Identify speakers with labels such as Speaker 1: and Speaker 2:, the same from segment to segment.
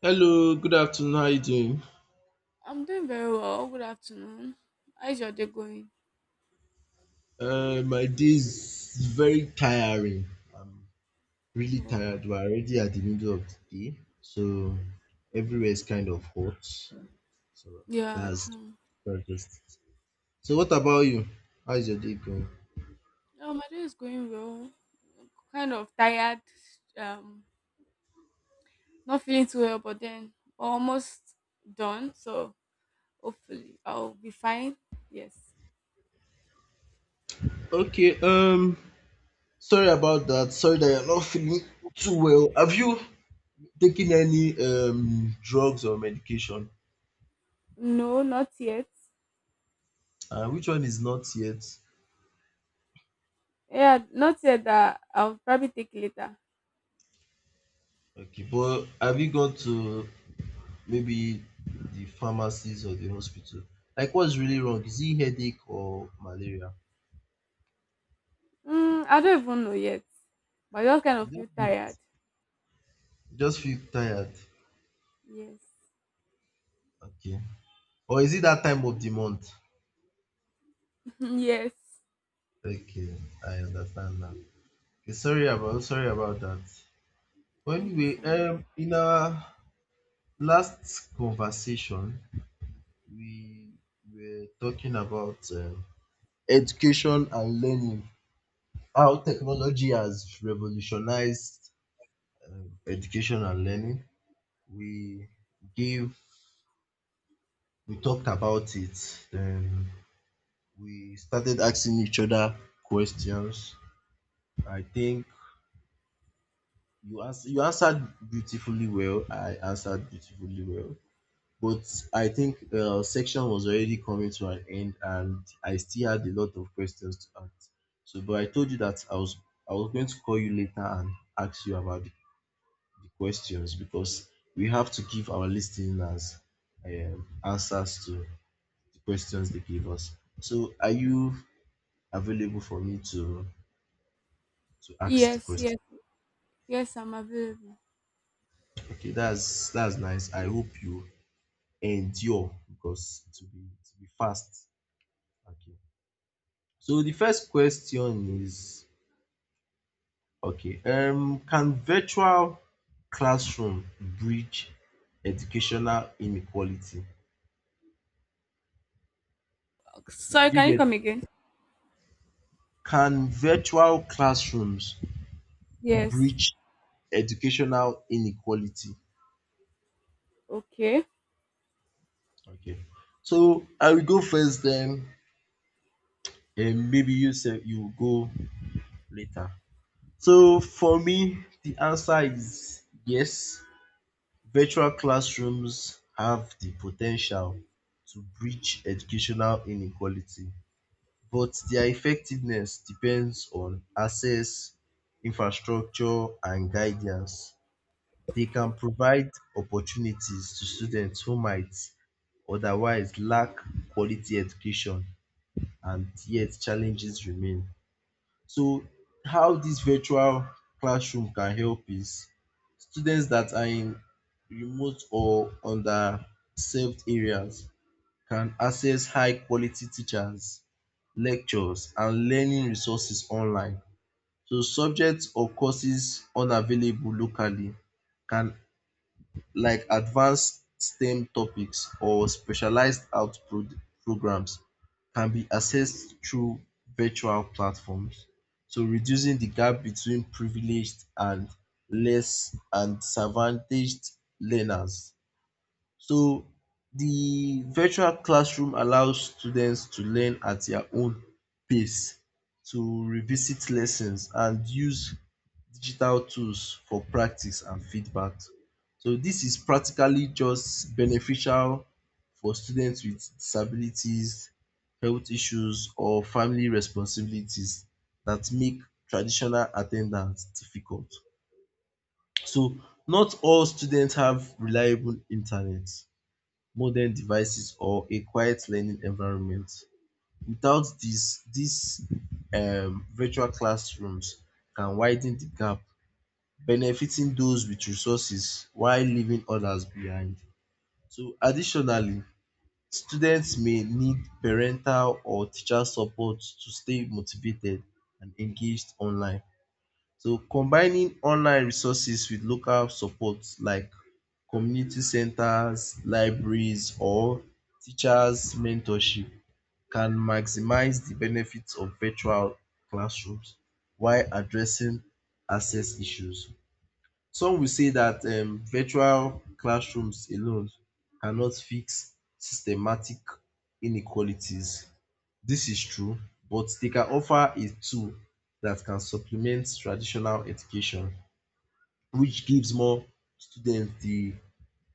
Speaker 1: Hello, good afternoon. How you doing?
Speaker 2: I'm doing very well. Good afternoon. How's your day going?
Speaker 1: My day is very tiring. I'm really
Speaker 2: Oh,
Speaker 1: tired. We're already at the middle of the day, so everywhere is kind of hot. So
Speaker 2: yeah,
Speaker 1: that's
Speaker 2: true.
Speaker 1: that's just it. So what about you? How's your day going?
Speaker 2: Oh, my day is going well. Kind of tired. Um, Not feeling too well, but then almost done. So hopefully I'll be fine. Yes.
Speaker 1: Okay. Sorry about that. Sorry that you're not feeling too well. Have you taken any drugs or medication?
Speaker 2: No, not yet.
Speaker 1: Which one is not yet?
Speaker 2: Yeah, not yet. That I'll probably take later.
Speaker 1: Okay, but have you gone to maybe the pharmacies or the hospital? Like what's really wrong? Is it headache or malaria?
Speaker 2: I don't even know yet. But I just kind
Speaker 1: You
Speaker 2: of
Speaker 1: don't
Speaker 2: feel
Speaker 1: feel
Speaker 2: tired.
Speaker 1: it. You just feel tired.
Speaker 2: Yes.
Speaker 1: Okay. Or is it that time of the month?
Speaker 2: Yes.
Speaker 1: Okay, I understand now. Okay, sorry about that. But
Speaker 2: Thank you
Speaker 1: anyway,
Speaker 2: so much.
Speaker 1: in our last conversation we were talking about education and learning. How technology has revolutionized education and learning. we gave we talked about it, then we started asking each other questions. I think you answered beautifully well, I answered beautifully well, but I think section was already coming to an end and I still had a lot of questions to ask. So but I told you that I was going to call you later and ask you about the questions, because we have to give our listeners answers to the questions they give us. So are you available for me to ask the
Speaker 2: Yes, yes,
Speaker 1: question?
Speaker 2: yes. I'm available.
Speaker 1: Okay, that's nice. I hope you endure because to be fast. Okay. So the first question is okay. Can virtual classroom bridge educational inequality?
Speaker 2: Sorry,
Speaker 1: Did you
Speaker 2: can you
Speaker 1: get
Speaker 2: come
Speaker 1: it?
Speaker 2: again?
Speaker 1: Can virtual classrooms
Speaker 2: Yes.
Speaker 1: bridge educational inequality?
Speaker 2: Okay.
Speaker 1: Okay. So I will go first, then maybe you say you go later. So for me the answer is yes, virtual classrooms have the potential to bridge educational inequality, but their effectiveness depends on access, infrastructure and guidance. They can provide opportunities to students who might otherwise lack quality education, and yet challenges remain. So how this virtual classroom can help is students that are in remote or underserved areas can access high quality teachers, lectures and learning resources online. So subjects or courses unavailable locally can, like advanced STEM topics or specialized programs, can be accessed through virtual platforms. So reducing the gap between privileged and less and disadvantaged learners. So the virtual classroom allows students to learn at their own pace, to revisit lessons and use digital tools for practice and feedback. So this is practically just beneficial for students with disabilities, health issues or family responsibilities that make traditional attendance difficult. So not all students have reliable internet, modern devices or a quiet learning environment. Without this, these virtual classrooms can widen the gap, benefiting those with resources while leaving others behind. So additionally, students may need parental or teacher support to stay motivated and engaged online. So combining online resources with local support like community centers, libraries or teachers mentorship can maximize the benefits of virtual classrooms while addressing access issues. Some will say that virtual classrooms alone cannot fix systematic inequalities. This is true, but they can offer a tool that can supplement traditional education, which gives more students the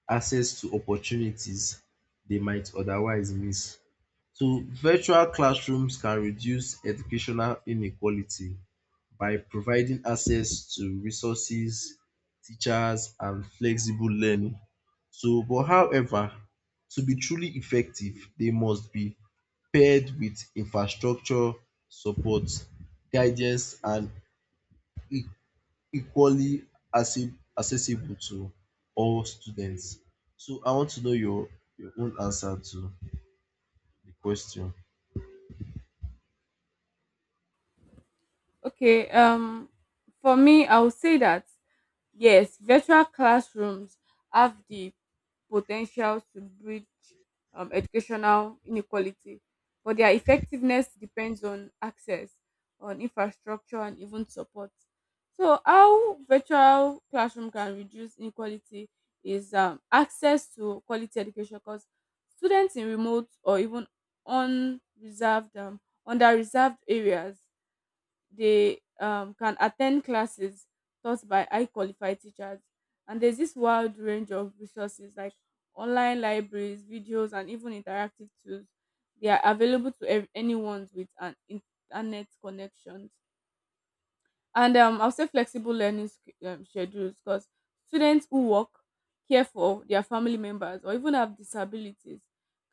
Speaker 1: access to opportunities they might otherwise miss. So virtual classrooms can reduce educational inequality by providing access to resources, teachers and flexible learning. So but however, to be truly effective, they must be paired with infrastructure support, guidance and e- equally accessible to all students. So I want to know your own answer to the question.
Speaker 2: Okay. For me, I would say that yes, virtual classrooms have the potential to bridge educational inequality, but their effectiveness depends on access, on infrastructure, and even support. So how virtual classroom can reduce inequality is access to quality education, because students in remote or even unreserved, um, under reserved areas, they can attend classes taught by high qualified teachers. And there's this wide range of resources like online libraries, videos, and even interactive tools. They are available to anyone with an internet connection, and I'll say flexible learning schedules, because students who work, care for their family members, or even have disabilities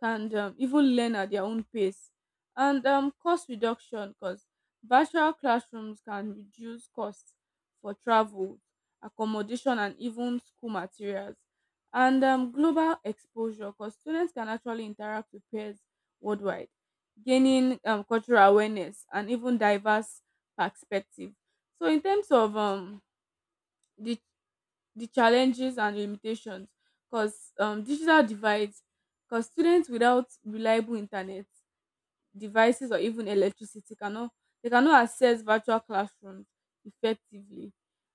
Speaker 2: can even learn at their own pace. And cost reduction, because virtual classrooms can reduce costs for travel, accommodation, and even school materials. And global exposure, because students can actually interact with peers worldwide, gaining cultural awareness and even diverse perspective. So in terms of the challenges and limitations, cause digital divides, cause students without reliable internet devices or even electricity cannot, they cannot access virtual classrooms effectively.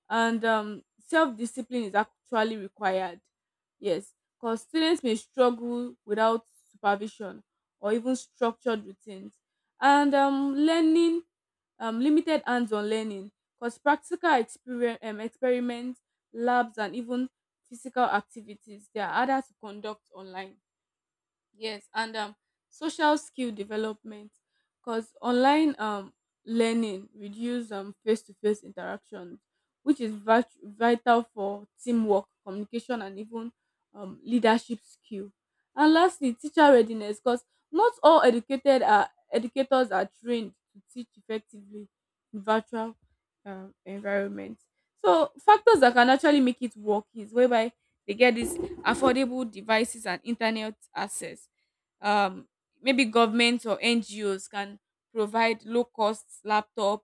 Speaker 2: And self-discipline is actually required, yes, because students may struggle without supervision or even structured routines. And learning limited hands-on learning, because practical experience experiments, labs, and even physical activities, they are harder to conduct online. Yes, and social skill development, because online learning reduce face to face interactions, which is vital for teamwork, communication, and even leadership skill. And lastly, teacher readiness, because not all educated are educators are trained to teach effectively in virtual environment. So factors that can actually make it work is whereby they get this affordable devices and internet access. Um, Maybe governments or NGOs can provide low cost laptop,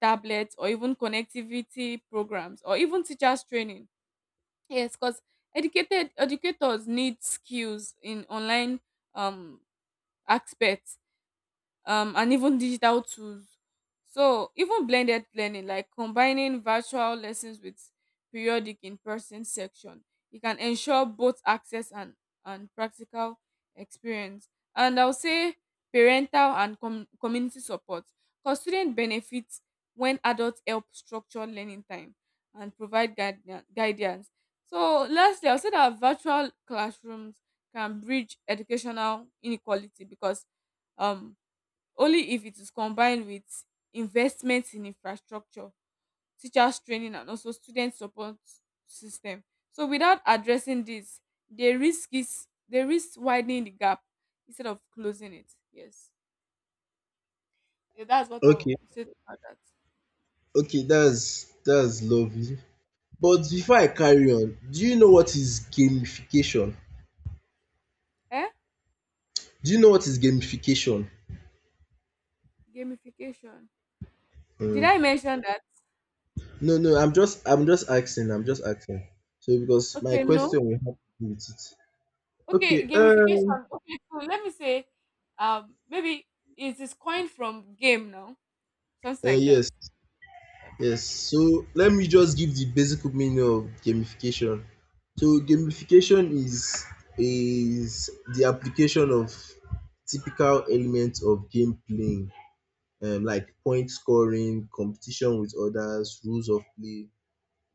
Speaker 2: tablets, or even connectivity programs, or even teachers training. Yes, because educated educators need skills in online um, aspects, and even digital tools. So even blended learning, like combining virtual lessons with periodic in person section, it can ensure both access, and practical experience. And I'll say parental and community support, because students benefit when adults help structure learning time and provide guidance. So lastly, I'll say that virtual classrooms can bridge educational inequality because um only if it is combined with investment in infrastructure, teachers training, and also student support system. So without addressing this, they risk widening the gap instead of closing it. Yes, yeah, that's what I will
Speaker 1: Okay,
Speaker 2: say about that.
Speaker 1: okay, that's lovely. But before I carry on, do you know what is gamification?
Speaker 2: Eh,
Speaker 1: Do you know what is gamification?
Speaker 2: gamification, did
Speaker 1: Mm.
Speaker 2: I mention that?
Speaker 1: No, no, I'm just asking, I'm just asking. So because my
Speaker 2: Okay, no.
Speaker 1: question will have to do with it.
Speaker 2: Okay,
Speaker 1: Okay,
Speaker 2: gamification. Okay, so let me say maybe it is coined from game now. Something like that.
Speaker 1: yes.
Speaker 2: Okay.
Speaker 1: Yes, so let me just give the basic meaning of gamification. So gamification is the application of typical elements of game playing, like point scoring, competition with others, rules of play,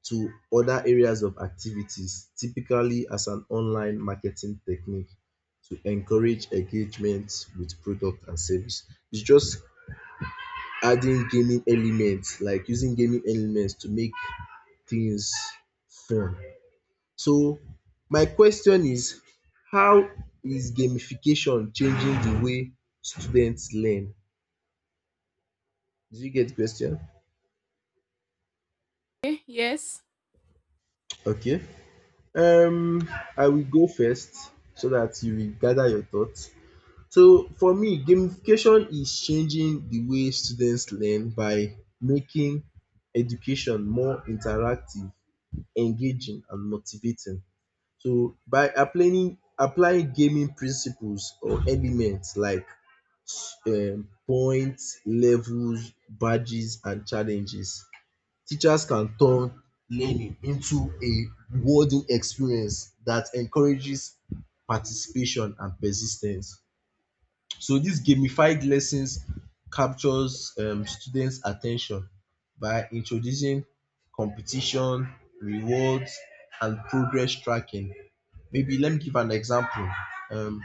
Speaker 1: to other areas of activities, typically as an online marketing technique to encourage engagement with product and service. It's just adding gaming elements, like using gaming elements to make things fun. So my question is, how is gamification changing the way students learn? Did you get the question?
Speaker 2: Okay. Yes.
Speaker 1: Okay. Um I will go first so that you will gather your thoughts. So for me, gamification is changing the way students learn by making education more interactive, engaging and motivating. So by applying gaming principles or elements like points, levels, badges and challenges, teachers can turn learning into a rewarding experience that encourages participation and persis ten ce. So these gamified lessons captures students' attention by introducing competition, rewards, and progress tracking. Maybe let me give an example. Um,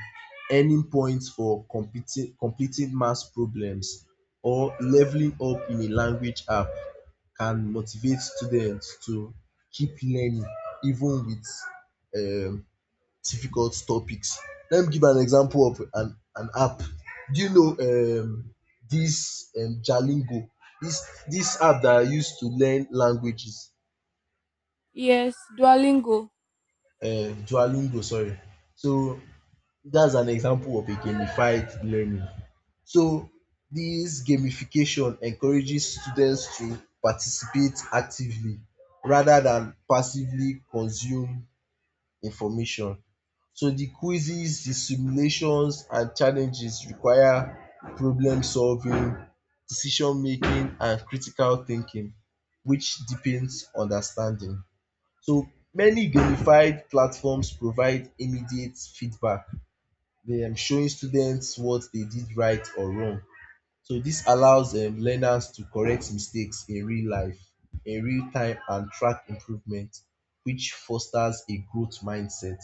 Speaker 1: earning points for completing math problems or leveling up in a language app can motivate students to keep learning even with um difficult topics. Let me give an example of an app. Do you know um, this Duolingo? This app that I use to learn languages,
Speaker 2: Yes. Duolingo.
Speaker 1: uh, Duolingo, sorry. So that's an example of a gamified learning. So this gamification encourages students to participate actively rather than passively consume information. So the quizzes, the simulations, and challenges require problem solving, decision making, and critical thinking, which deepens understanding. So many gamified platforms provide immediate feedback, they are showing students what they did right or wrong. So this allows learners to correct mistakes in real life, in real time, and track improvement, which fosters a growth mindset.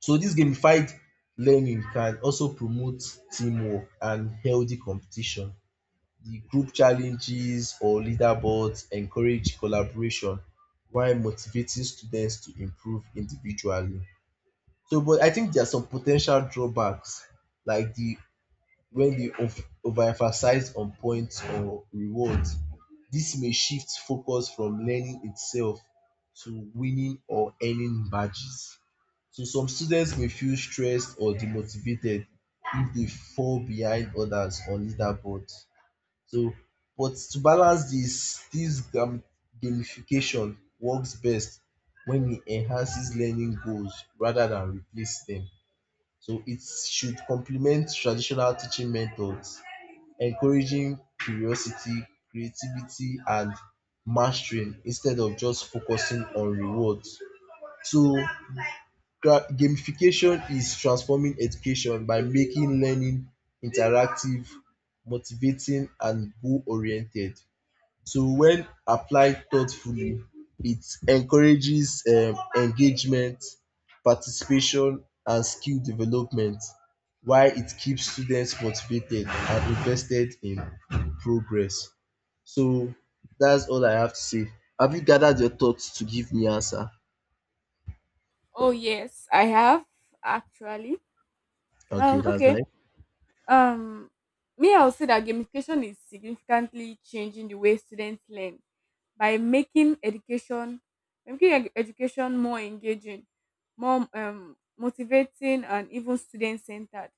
Speaker 1: So this gamified learning can also promote teamwork and healthy competition. The group challenges or leaderboards encourage collaboration while motivating students to improve individually. So but I think there are some po ten tial drawbacks, like the when they overemphasize on points or rewards. This may shift focus from learning itself to winning or earning badges. So some students may feel stressed or demotivated if they fall behind others on leaderboard. So, but to balance this, gamification works best when it enhances learning goals rather than replace them. So it should complement traditional teaching methods, encouraging curiosity, creativity, and mastering instead of just focusing on rewards. So gamification is transforming education by making learning interactive, motivating, and goal oriented. So, when applied thoughtfully, it encourages engagement, participation, and skill development, while it keeps students motivated and invested in progress. So, that's all I have to say. Have you gathered your thoughts to give me answer?
Speaker 2: Oh yes, I have actually.
Speaker 1: Okay, that's
Speaker 2: Okay.
Speaker 1: nice.
Speaker 2: Um. Me, I would say that gamification is significantly changing the way students learn by making education more engaging, more motivating, and even student centered.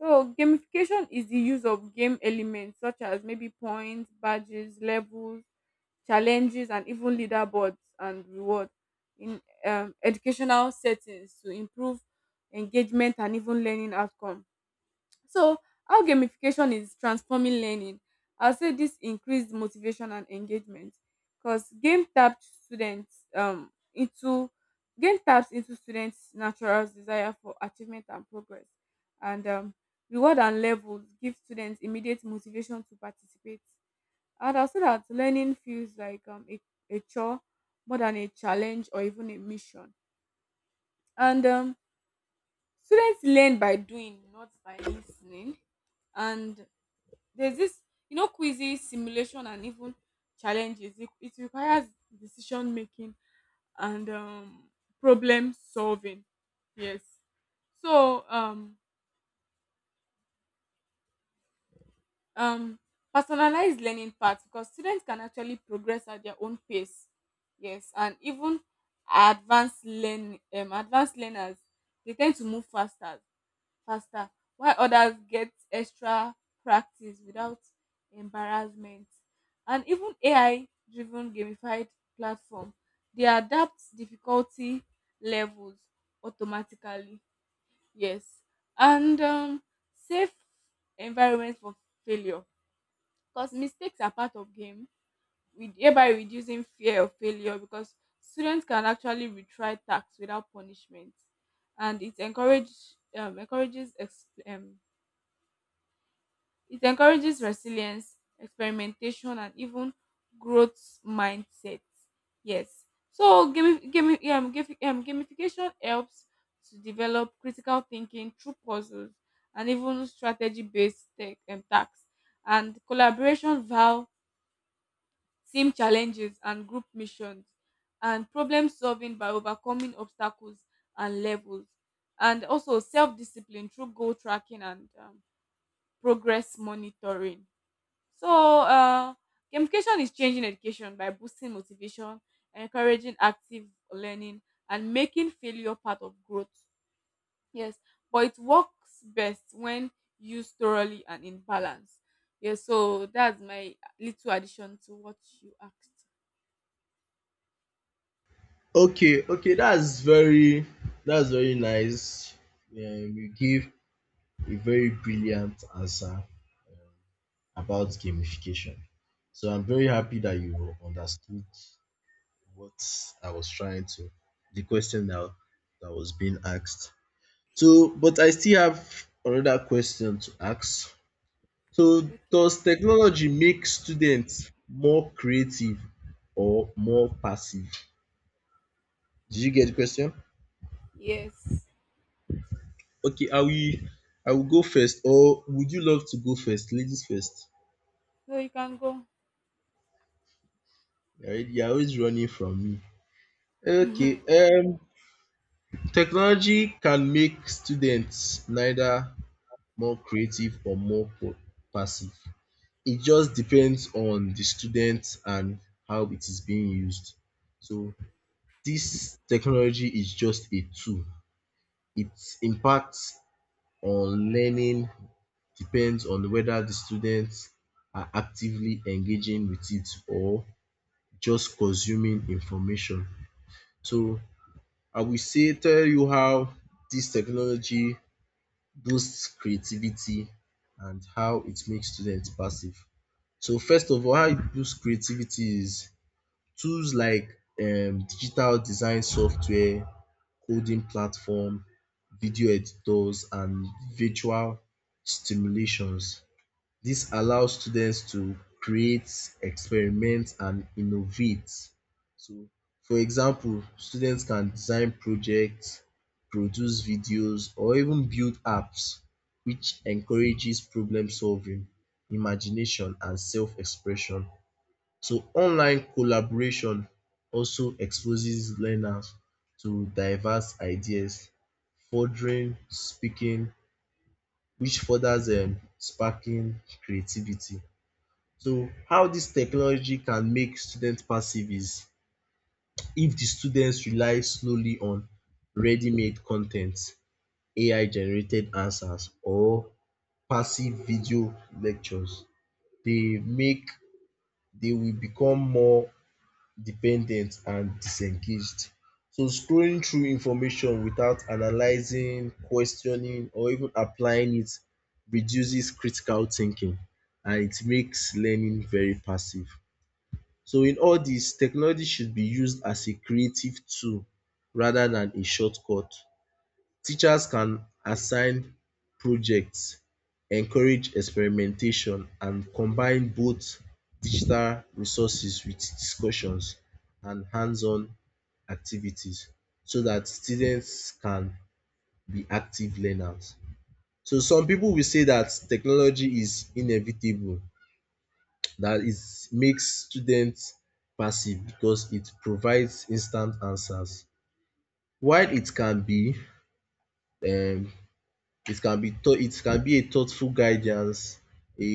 Speaker 2: So gamification is the use of game elements, such as maybe points, badges, levels, challenges, and even leaderboards and rewards in educational settings to improve engagement and even learning outcome. So how gamification is transforming learning, I'll say this increased motivation and engagement, because game taps into students' natural desire for achievement and progress. And reward and levels give students immediate motivation to participate, and I'll say that learning feels like a chore more than a challenge or even a mission. And students learn by doing, not by listening. And there's this, you know, quizzes, simulation, and even challenges. It requires decision making and problem solving. Yes. So um personalized learning part, because students can actually progress at their own pace, yes, and even advanced learners, they tend to move faster while others get extra practice without embarrassment. And even AI driven gamified platform, they adapt difficulty levels automatically. Yes. And safe environment for failure, because mistakes are part of game, with thereby reducing fear of failure, because students can actually retry tasks without punishment. And um, encourages ex- um, it encourages resilience, experimentation, and even growth mindset. Yes. So gamification helps to develop critical thinking through puzzles and even strategy based tasks, and collaboration vow team challenges and group missions, and problem solving by overcoming obstacles and levels, and also self discipline through goal tracking and progress monitoring. So, gamification is changing education by boosting motivation, encouraging active learning, and making failure part of growth. Yes, but it works best when used thoroughly and in balance. Yes, so that's my little addition to what you asked.
Speaker 1: Okay, okay, that's very nice. You give a very brilliant answer about gamification. So I'm very happy that you understood what I was trying to the question that was being asked. So, but I still have another question to ask. So,
Speaker 2: Okay.
Speaker 1: does technology make students more creative or more passive? Did you get the question?
Speaker 2: Yes.
Speaker 1: Okay, I will go first, or would you love to go first? Ladies first.
Speaker 2: So you can go.
Speaker 1: You're already you're always running from me. Okay, technology can make students neither more creative or more passive. It just depends on the student and how it is being used. So this technology is just a tool. Its impact on learning depends on whether the students are actively engaging with it or just consuming information. So I will say tell you how this technology boosts creativity and how it makes students passive. So first of all, how it boosts creativity is tools like digital design software, coding platform, video editors and virtual stimulations. This allows students to create, experiment and innovate. So for example, students can design projects, produce videos or even build apps, which encourages problem solving, imagination and self-expression. So online collaboration also exposes learners to diverse ideas, furthering speaking which furthers sparking creativity. So how this technology can make students passive is if the students rely slowly on ready-made content, AI-generated answers or passive video lectures, they make they will become more dependent and disengaged. So scrolling through information without analyzing, questioning or even applying it reduces critical thinking, and it makes learning very passive. So in all this, technology should be used as a creative tool rather than a shortcut. Teachers can assign projects, encourage experimentation, and combine both digital resources with discussions and hands-on activities so that students can be active learners. So some people will say that technology is inevitable, that is makes students passive because it provides instant answers. While um it can be thought it can be a thoughtful guidance, a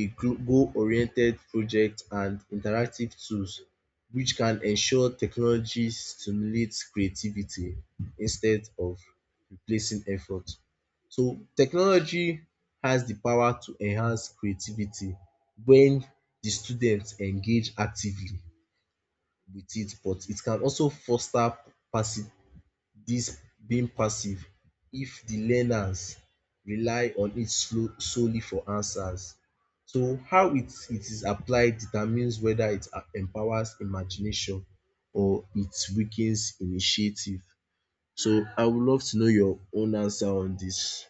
Speaker 1: goal oriented project and interactive tools, which can ensure technology stimulates creativity instead of replacing effort. So technology has the power to enhance creativity when the students engage actively with it, but it can also foster passi- this being passive if the learners rely on it solely for answers. So how it is applied determines whether empowers imagination or it weakens initiative. So I would love to know your own answer on this.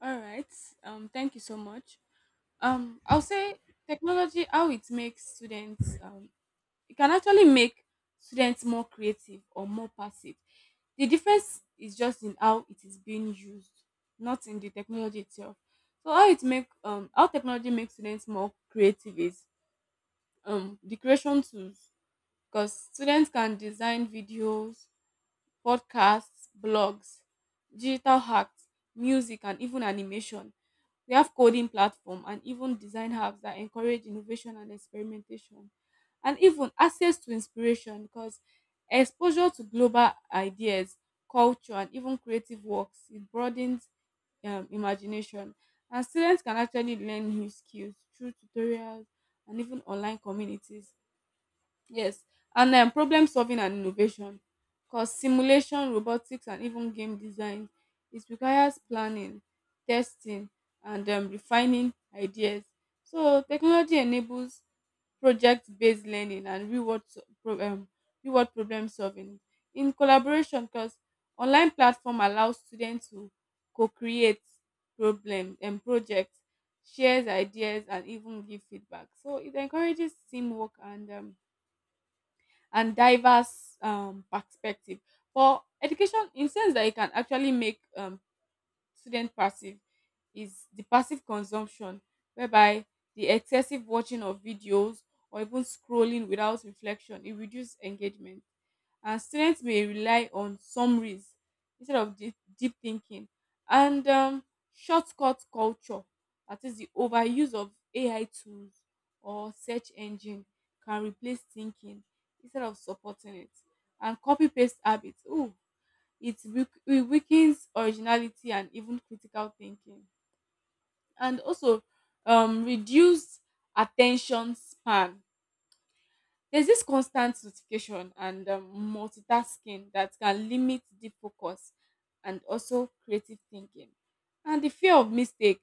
Speaker 2: All right. Thank you so much. I'll say technology. How it makes students. It can actually make students more creative or more passive. The difference is just in how it is being used, not in the technology itself. So how technology makes students more creative is the creation tools, because students can design videos, podcasts, blogs, digital hacks, music, and even animation. We have coding platform and even design hubs that encourage innovation and experimentation, and even access to inspiration, because exposure to global ideas, culture, and even creative works, it broadens imagination. And students can actually learn new skills through tutorials and even online communities. Yes, and problem solving and innovation, because simulation, robotics, and even game design, it requires planning, testing, and refining ideas. So technology enables project-based learning and reward problem solving in collaboration, because online platform allows students to co-create problem and projects, shares ideas, and even give feedback. So it encourages teamwork and diverse perspective for education, in sense that it can actually make student passive is the passive consumption, whereby the excessive watching of videos or even scrolling without reflection, it reduces engagement, and students may rely on summaries instead of deep thinking. And shortcut culture, that is the overuse of AI tools or search engine, can replace thinking instead of supporting it. And copy paste habits, ooh, it weakens originality and even critical thinking. And also reduced attention span, there's this constant notification and multitasking that can limit deep focus and also creative thinking. And the fear of mistake,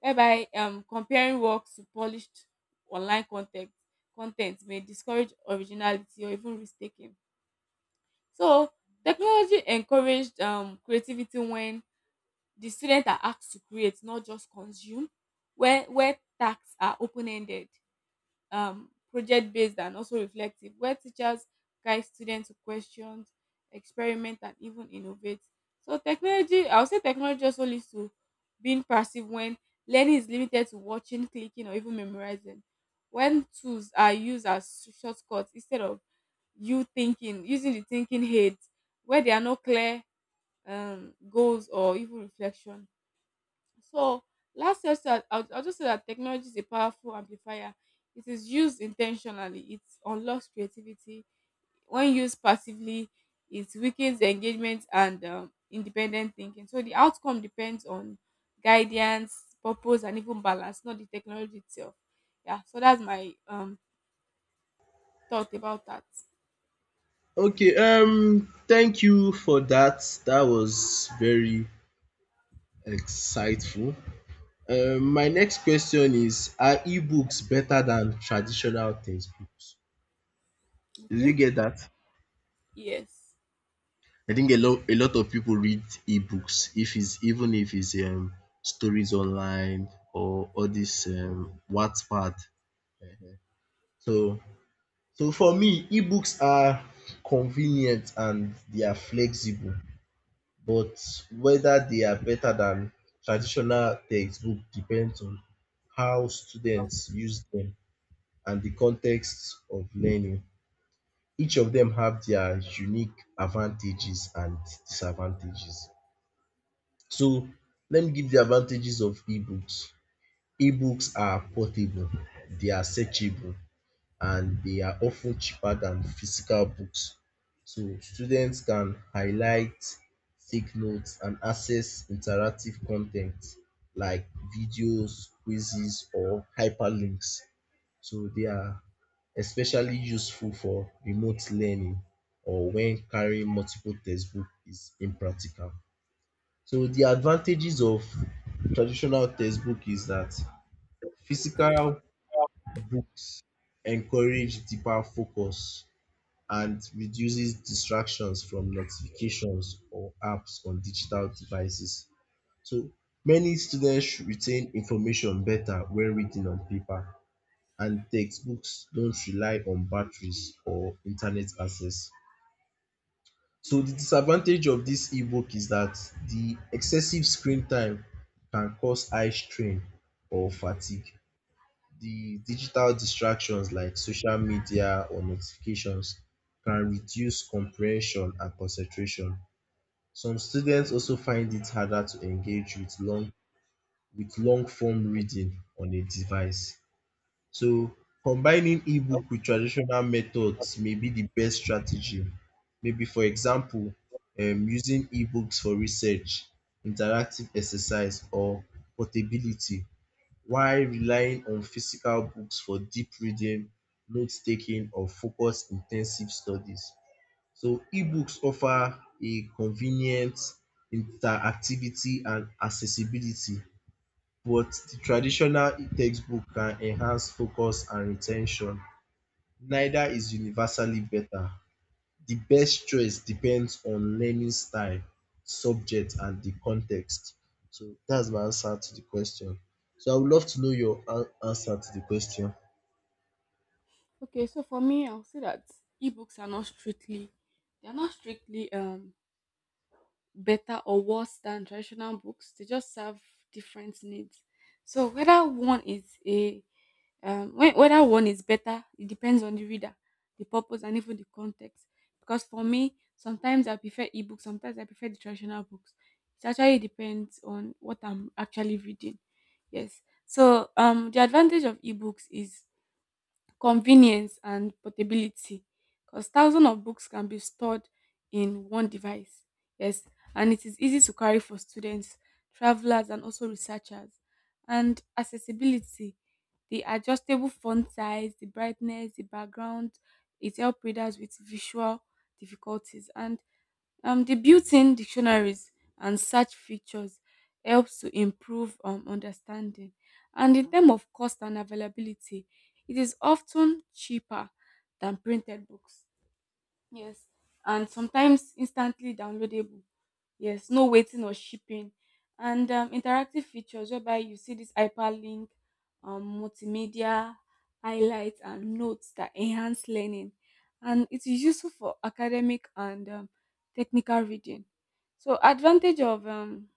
Speaker 2: whereby comparing works to polished online content content may discourage originality or even risk taking. So technology encouraged creativity when the students are asked to create, not just consume, where tasks are open-ended, project-based and also reflective, where teachers guide students to questions, experiment and even innovate. So technology, I would say technology also leads to being passive when learning is limited to watching, clicking or even memorizing. When tools are used as shortcuts instead of you thinking, using the thinking heads, where there are no clear goals or even reflection. So last year, I'll just say that technology is a powerful amplifier. It is used intentionally. It unlocks creativity. When used passively, it weakens engagement and independent thinking. So the outcome depends on guidance, purpose, and even balance, not the technology itself. Yeah. So that's my thought about that.
Speaker 1: Okay, thank you for that. That was very insightful. My next question is, are e-books better than traditional textbooks? Did you
Speaker 2: Okay.
Speaker 1: get that?
Speaker 2: Yes.
Speaker 1: I think a lot of people read e-books if it's even if it's stories online or all this Wattpad. So for me, e-books are convenient and they are flexible, but whether they are better than traditional textbook depends on how students use them and the context of learning. Each of them have their unique advantages and disadvantages. So let me give the advantages of ebooks. Ebooks are portable, they are searchable, and they are often cheaper than physical books. So students can highlight, take notes, and access interactive content like videos, quizzes, or hyperlinks. So they are especially useful for remote learning or when carrying multiple textbook is impractical. So the advantages of traditional textbook is that physical books encourage deeper focus and reduces distractions from notifications or apps on digital devices. So many students retain information better when reading on paper, and textbooks don't rely on batteries or internet access. So the disadvantage of this ebook is that the excessive screen time can cause eye strain or fatigue. The digital distractions like social media or notifications can reduce comprehension and concentration. Some students also find it harder to engage with long form reading on a device. So combining e-book with traditional methods may be the best strategy. Maybe, for example, using e-books for research, interactive exercise or portability, while relying on physical books for deep reading, note taking or focus in ten sive studies. So e-books offer a convenient interactivity and accessibility, but the traditional textbook can enhance focus and retention. Neither is universally better. The best choice depends on learning style, subject, and the context. So that's my answer to the question. So I would love to know your answer to the question.
Speaker 2: Okay. So for me, I'll say that ebooks are not strictly, they are not strictly better or worse than traditional books. They just serve different needs. So whether one is a whe- whether one is better, it depends on the reader, the purpose, and even the context. Because for me, sometimes I prefer ebooks, sometimes I prefer the traditional books. It actually depends on what I'm actually reading. Yes. So the advantage of ebooks is convenience and portability, because thousands of books can be stored in one device. Yes, and it is easy to carry for students, travelers, and also researchers. And accessibility, the adjustable font size, the brightness, the background, it helps readers with visual difficulties. And the built-in dictionaries and search features helps to improve understanding. And in terms of cost and availability, it is often cheaper than printed books. Yes. And sometimes instantly downloadable. Yes, no waiting or shipping. And interactive features, whereby you see this hyperlink, multimedia, highlights, and notes that enhance learning. And it is useful for academic and technical reading. So advantage of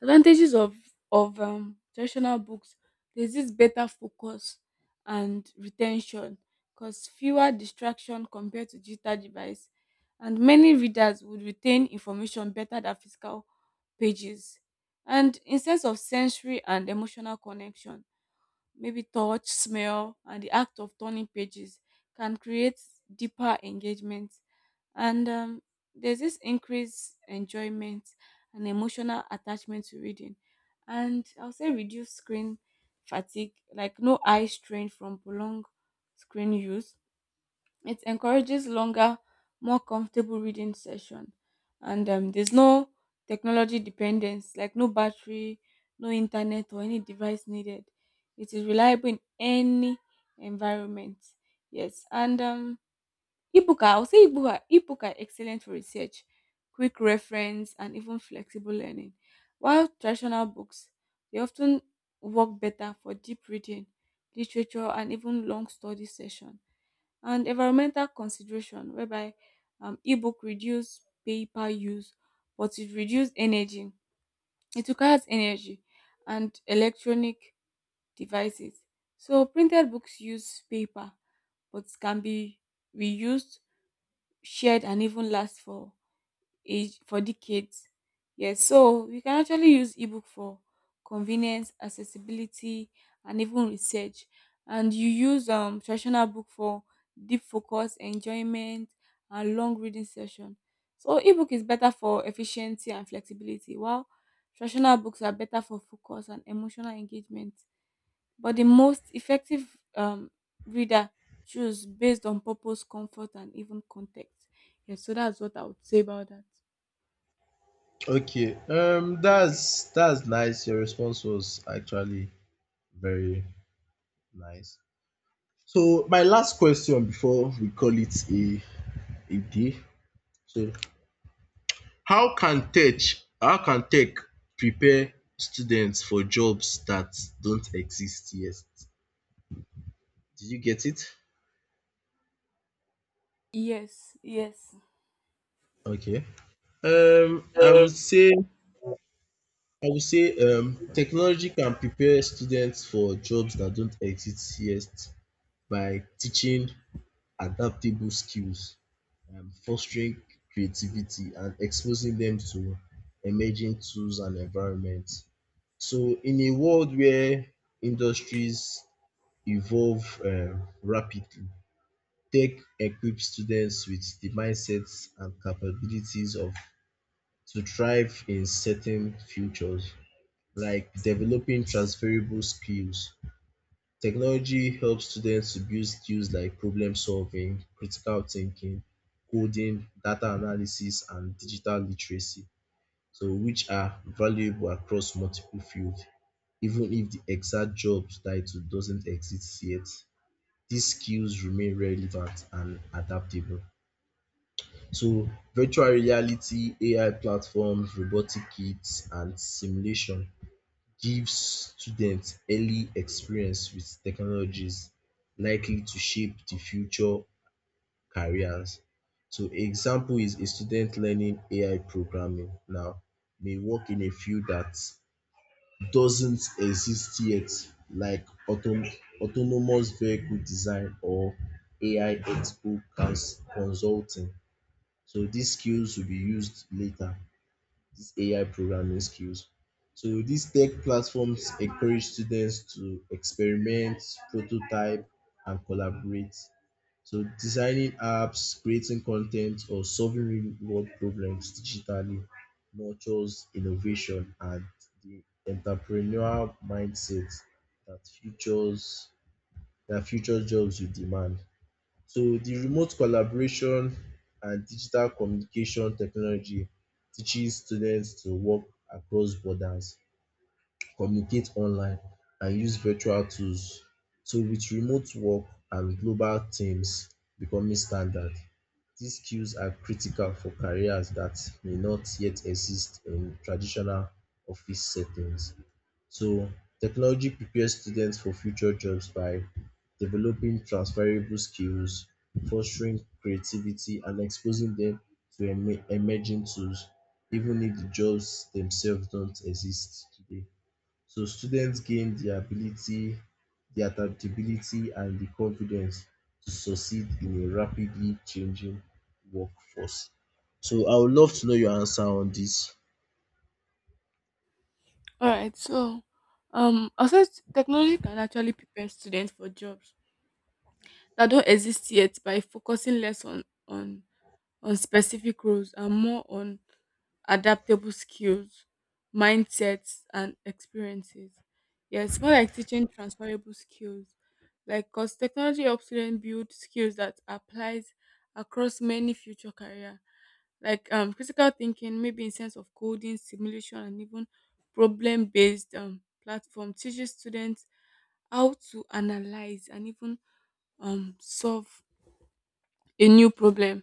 Speaker 2: Advantages of traditional books, there's this better focus and retention, because fewer distraction compared to digital device, and many readers would retain information better than physical pages. And in sense of sensory and emotional connection, maybe touch, smell, and the act of turning pages can create deeper engagement. And there's this increased enjoyment and emotional attachment to reading. And I'll say reduce screen fatigue, like no eye strain from prolonged screen use, it encourages longer, more comfortable reading session. And there's no technology dependence, like no battery, no internet or any device needed. It is reliable in any environment. Yes, and ebook. Are- I'll say ebook are excellent for research, quick reference, and even flexible learning. While traditional books, they often work better for deep reading, literature, and even long study session. And environmental consideration, whereby ebook reduce paper use, but it requires energy and electronic devices. So printed books use paper but can be reused, shared, and even last for age for decades. Yes, so we can actually use ebook for convenience, accessibility, and even research. And you use traditional book for deep focus, enjoyment, and long reading session. So ebook is better for efficiency and flexibility, while traditional books are better for focus and emotional engagement. But the most effective um reader choose based on purpose, comfort, and even context. Yes, so that's what I would say about that.
Speaker 1: Okay, that's nice. Your response was actually very nice. So my last question before we call it a day. So How can tech how can tech prepare students for jobs that don't exist yet? Did you get it?
Speaker 2: Yes, yes.
Speaker 1: Okay. I would say technology can prepare students for jobs that don't exist yet by teaching adaptable skills, fostering creativity, and exposing them to emerging tools and environments. So in a world where industries evolve rapidly, tech equips students with the mindsets and capabilities of to thrive in certain futures, like developing transferable skills. Technology helps students to build skills like problem solving, critical thinking, coding, data analysis, and digital literacy, so which are valuable across multiple fields, even if the exact job title doesn't exist yet, these skills remain relevant and adaptable. So virtual reality, AI platforms, robotic kits and simulation gives students early experience with technologies likely to shape the future careers. So example is a student learning AI programming now may work in a field that doesn't exist yet, like autonomous vehicle design or AI ethical consulting. So these skills will be used later, these AI programming skills. So these tech platforms encourage students to experiment, prototype, and collaborate. So designing apps, creating content, or solving real-world problems digitally nurtures innovation and the entrepreneurial mindset that futures that future jobs will demand. So the remote collaboration and digital communication technology teaches students to work across borders, communicate online, and use virtual tools. So with remote work and global teams becoming standard, these skills are critical for careers that may not yet exist in traditional office settings. So technology prepares students for future jobs by developing transferable skills, fostering creativity, and exposing them to emerging tools, even if the jobs themselves don't exist today. So students gain the ability, the adaptability, and the confidence to succeed in a rapidly changing workforce. So I would love to know your answer on this.
Speaker 2: All right. So, also technology can actually prepare students for jobs that don't exist yet by focusing less on specific roles and more on adaptable skills, mindsets, and experiences. Yes, more like teaching transferable skills. Like, because technology helps students build skills that applies across many future career, like critical thinking, maybe in sense of coding, simulation, and even problem-based platform teaches students how to analyze and even solve a new problem